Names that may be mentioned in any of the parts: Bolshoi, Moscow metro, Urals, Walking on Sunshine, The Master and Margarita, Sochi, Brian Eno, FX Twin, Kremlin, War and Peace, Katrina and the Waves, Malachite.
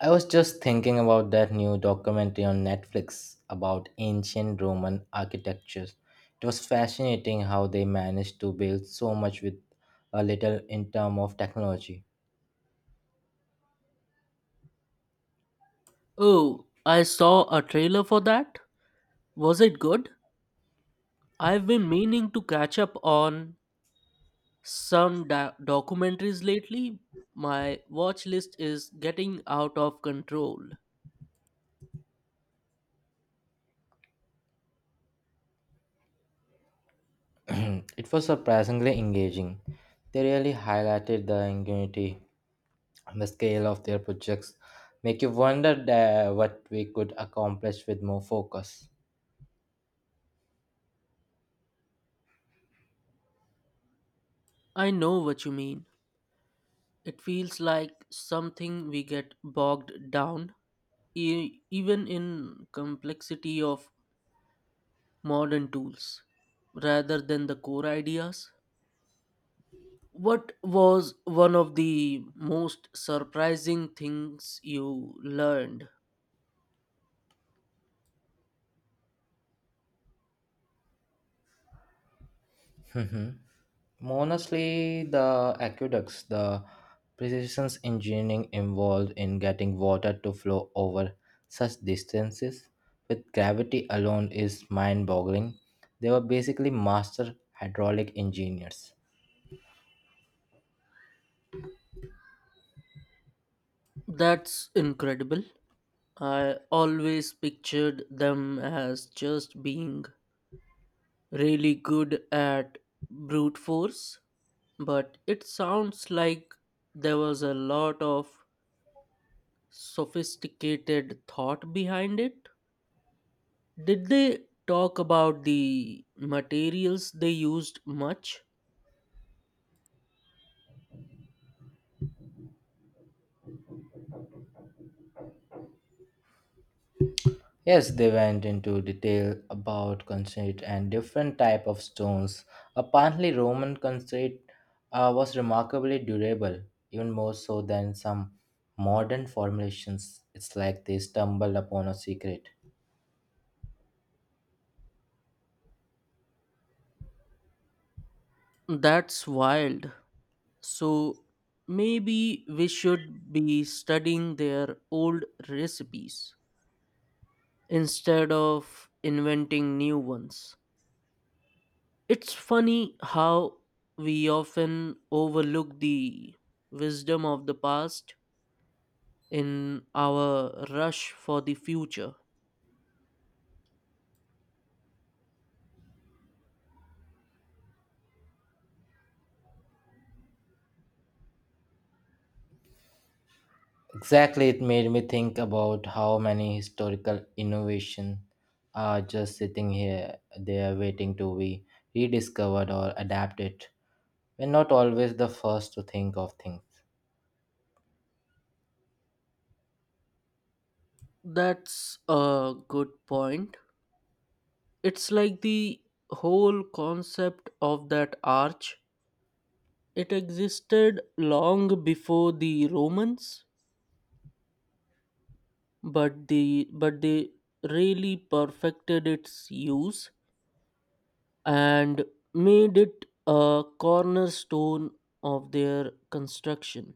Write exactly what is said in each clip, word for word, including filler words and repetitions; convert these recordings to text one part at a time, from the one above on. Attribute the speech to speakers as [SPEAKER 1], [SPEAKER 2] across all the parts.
[SPEAKER 1] I was just thinking about that new documentary on Netflix about ancient Roman architecture. It was fascinating how they managed to build so much with a little in terms of technology.
[SPEAKER 2] Oh, I saw a trailer for that. Was it good? I've been meaning to catch up on some da- documentaries lately. My watch list is getting out of control.
[SPEAKER 1] It was surprisingly engaging. They really highlighted the ingenuity and the scale of their projects. Make you wonder that what we could accomplish with more focus.
[SPEAKER 2] I know what you mean. It feels like something we get bogged down, e- even in complexity of modern tools, rather than the core ideas. What was one of the most surprising things you learned?
[SPEAKER 1] Honestly, the aqueducts, the precision engineering involved in getting water to flow over such distances with gravity alone is mind boggling. They were basically master hydraulic engineers.
[SPEAKER 2] That's incredible. I always pictured them as just being really good at brute force, but it sounds like there was a lot of sophisticated thought behind it. Did they talk about the materials they used much?
[SPEAKER 1] Yes, they went into detail about concrete and different type of stones. Apparently, Roman concrete uh, was remarkably durable, even more so than some modern formulations. It's like they stumbled upon a secret.
[SPEAKER 2] That's wild. So maybe we should be studying their old recipes instead of inventing new ones. It's funny how we often overlook the wisdom of the past in our rush for the future.
[SPEAKER 1] Exactly, it made me think about how many historical innovation are just sitting here, they are waiting to be rediscovered or adapted. We're not always the first to think of things.
[SPEAKER 2] That's a good point. It's like the whole concept of that arch. It existed long before the Romans but the but they really perfected its use and made it a cornerstone of their construction.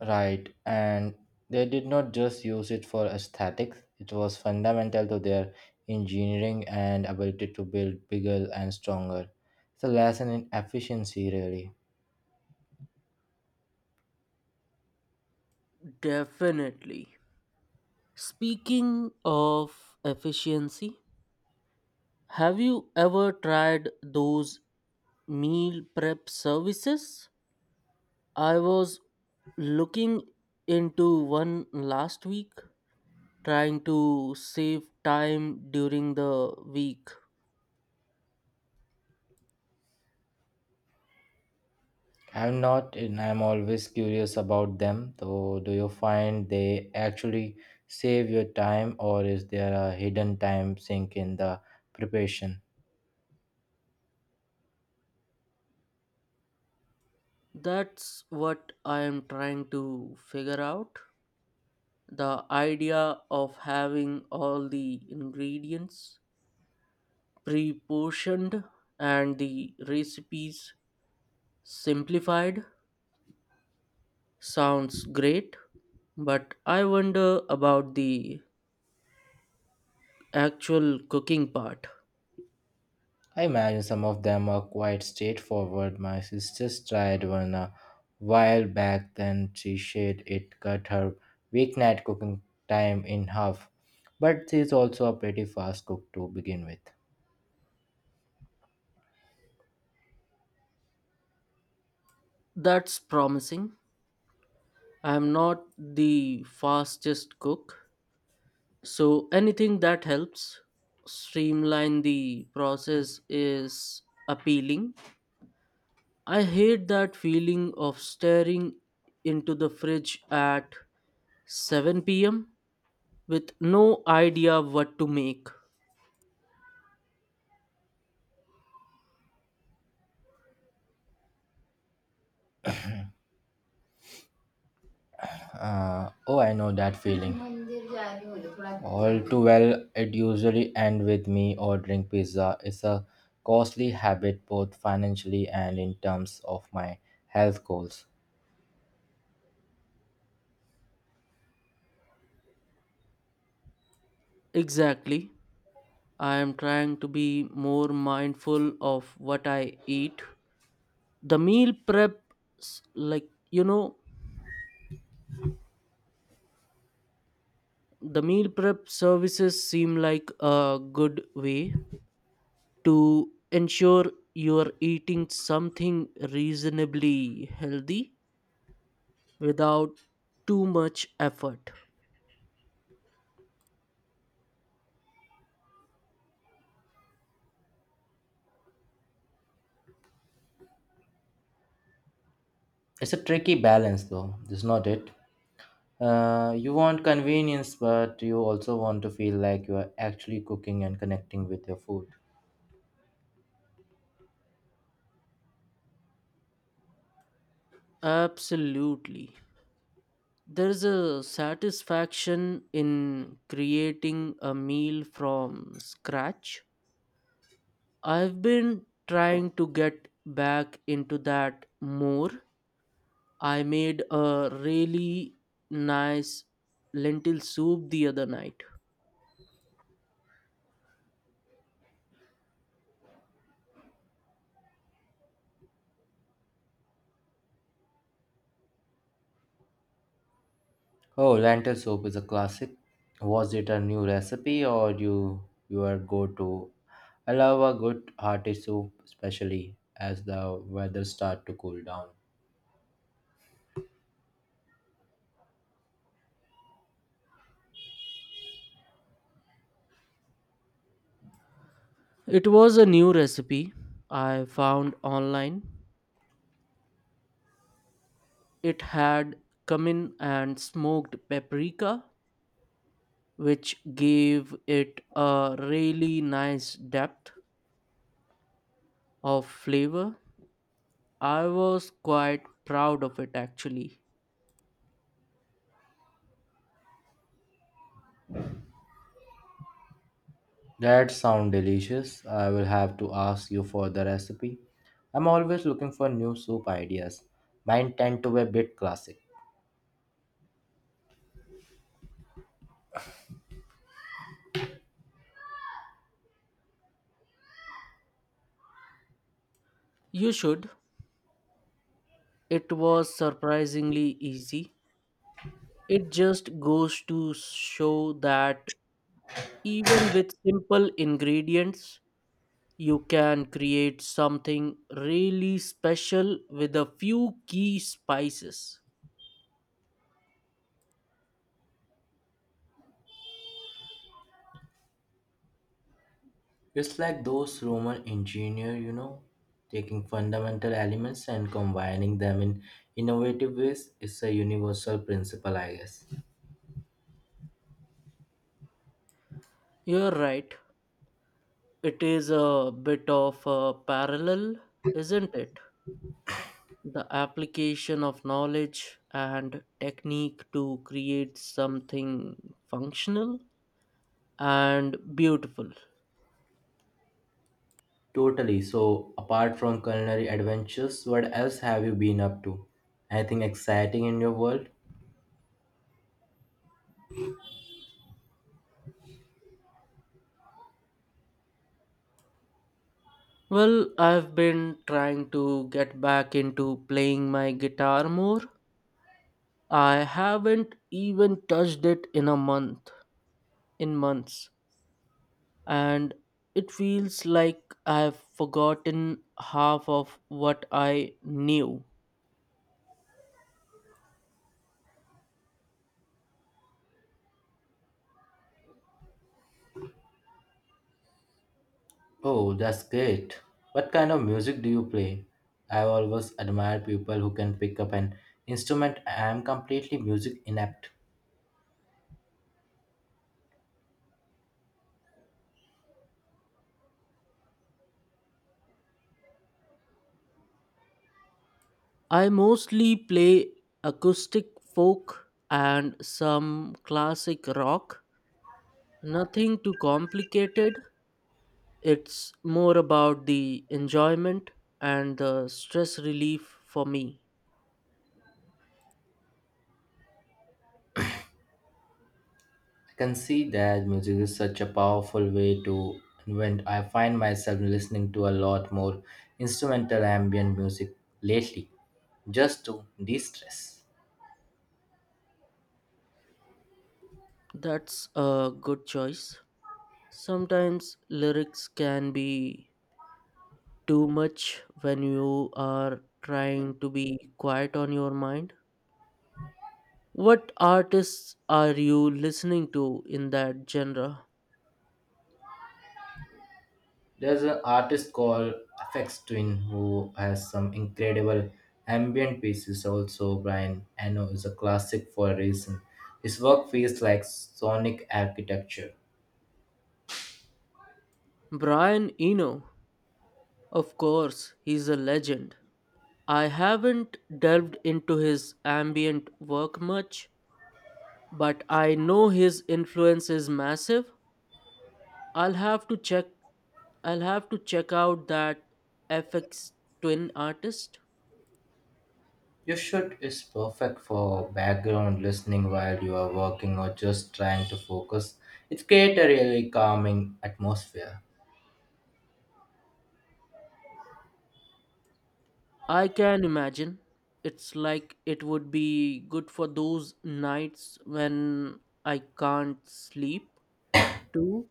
[SPEAKER 1] Right, and they did not just use it for aesthetics, it was fundamental to their engineering and ability to build bigger and stronger. It's a lesson in efficiency, really.
[SPEAKER 2] Definitely. Speaking of efficiency, have you ever tried those meal prep services? I was looking into one last week, trying to save time during the week.
[SPEAKER 1] I'm not, and I'm always curious about them. So, do you find they actually save your time, or is there a hidden time sink in the preparation?
[SPEAKER 2] That's what I am trying to figure out. The idea of having all the ingredients pre portioned and the recipes simplified sounds great, but I wonder about the actual cooking part.
[SPEAKER 1] I imagine some of them are quite straightforward. My sister tried one a while back, then she said it cut her weeknight cooking time in half. But she's also a pretty fast cook to begin with.
[SPEAKER 2] That's promising. I'm not the fastest cook, so anything that helps streamline the process is appealing. I hate that feeling of staring into the fridge at seven p m with no idea what to make.
[SPEAKER 1] Uh, oh, I know that feeling. All too well, it usually ends with me ordering pizza. It's a costly habit both financially and in terms of my health goals.
[SPEAKER 2] Exactly. I am trying to be more mindful of what I eat. The meal prep, s- like, you know, the meal prep services seem like a good way to ensure you're eating something reasonably healthy without too much effort.
[SPEAKER 1] It's a tricky balance, though, is not it? Uh, you want convenience, but you also want to feel like you are actually cooking and connecting with your food.
[SPEAKER 2] Absolutely. There's a satisfaction in creating a meal from scratch. I've been trying to get back into that more. I made a really nice lentil soup the other night.
[SPEAKER 1] Oh, lentil soup is a classic. Was it a new recipe or you your go-to? I love a good hearty soup, especially as the weather start to cool down.
[SPEAKER 2] It was a new recipe I found online. It had cumin and smoked paprika, which gave it a really nice depth of flavor. I was quite proud of it actually.
[SPEAKER 1] That sound delicious. I will have to ask you for the recipe. I'm always looking for new soup ideas. Mine tend to be a bit classic.
[SPEAKER 2] You should. It was surprisingly easy. It just goes to show that even with simple ingredients, you can create something really special with a few key spices.
[SPEAKER 1] It's like those Roman engineer, you know, taking fundamental elements and combining them in innovative ways. It's a universal principle, I guess.
[SPEAKER 2] You're right, it is a bit of a parallel, isn't it? The application of knowledge and technique to create something functional and beautiful.
[SPEAKER 1] Totally. So, apart from culinary adventures, what else have you been up to? Anything exciting in your world?
[SPEAKER 2] Well, I've been trying to get back into playing my guitar more. I haven't even touched it in a month, in months. And it feels like I've forgotten half of what I knew.
[SPEAKER 1] Oh, that's great. What kind of music do you play? I've always admired people who can pick up an instrument. I am completely music inept.
[SPEAKER 2] I mostly play acoustic folk and some classic rock. Nothing too complicated. It's more about the enjoyment and the stress relief for me.
[SPEAKER 1] Can see that music is such a powerful way to invent. I find myself listening to a lot more instrumental ambient music lately, just to de-stress.
[SPEAKER 2] That's a good choice. Sometimes lyrics can be too much when you are trying to be quiet on your mind? What artists are you listening to in that genre?
[SPEAKER 1] There's an artist called F X Twin who has some incredible ambient pieces. Also, Brian Eno is a classic for a reason. His work feels like sonic architecture.
[SPEAKER 2] Brian Eno. Of course, he's a legend. I haven't delved into his ambient work much, but I know his influence is massive. I'll have to check I'll have to check out that F X twin artist.
[SPEAKER 1] Your shirt is perfect for background listening while you are working or just trying to focus. It creates a really calming atmosphere.
[SPEAKER 2] I can imagine. It's like it would be good for those nights when I can't sleep too.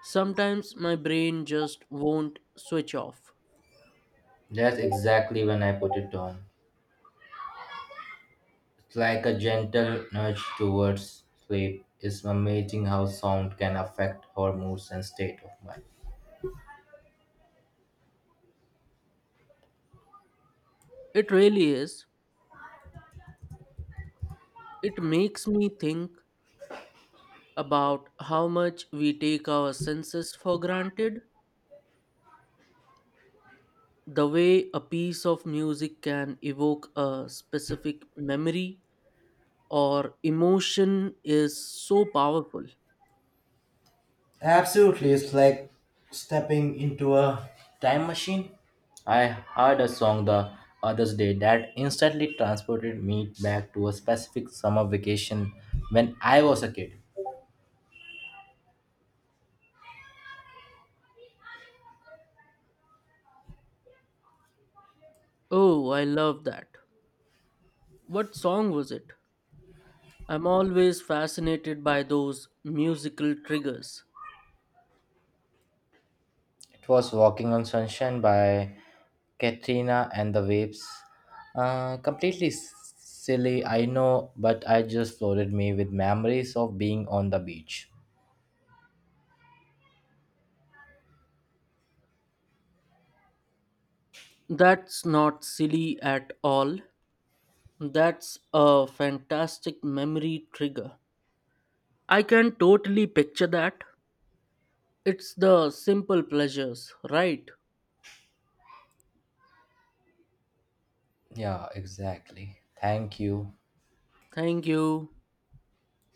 [SPEAKER 2] Sometimes my brain just won't switch off.
[SPEAKER 1] That's exactly when I put it on. It's like a gentle nudge towards sleep. It's amazing how sound can affect our moods and state of mind.
[SPEAKER 2] It really is. It makes me think about how much we take our senses for granted. The way a piece of music can evoke a specific memory or emotion is so powerful.
[SPEAKER 1] Absolutely, it's like stepping into a time machine. I heard a song the other day that instantly transported me back to a specific summer vacation when I was a kid.
[SPEAKER 2] Oh, I love that. What song was it? I'm always fascinated by those musical triggers.
[SPEAKER 1] It was Walking on Sunshine by Katrina and the Waves. Uh, completely s- silly, I know, but I just flooded me with memories of being on the beach.
[SPEAKER 2] That's not silly at all. That's a fantastic memory trigger. I can totally picture that. It's the simple pleasures, right?
[SPEAKER 1] Yeah, exactly. Thank you.
[SPEAKER 2] Thank you.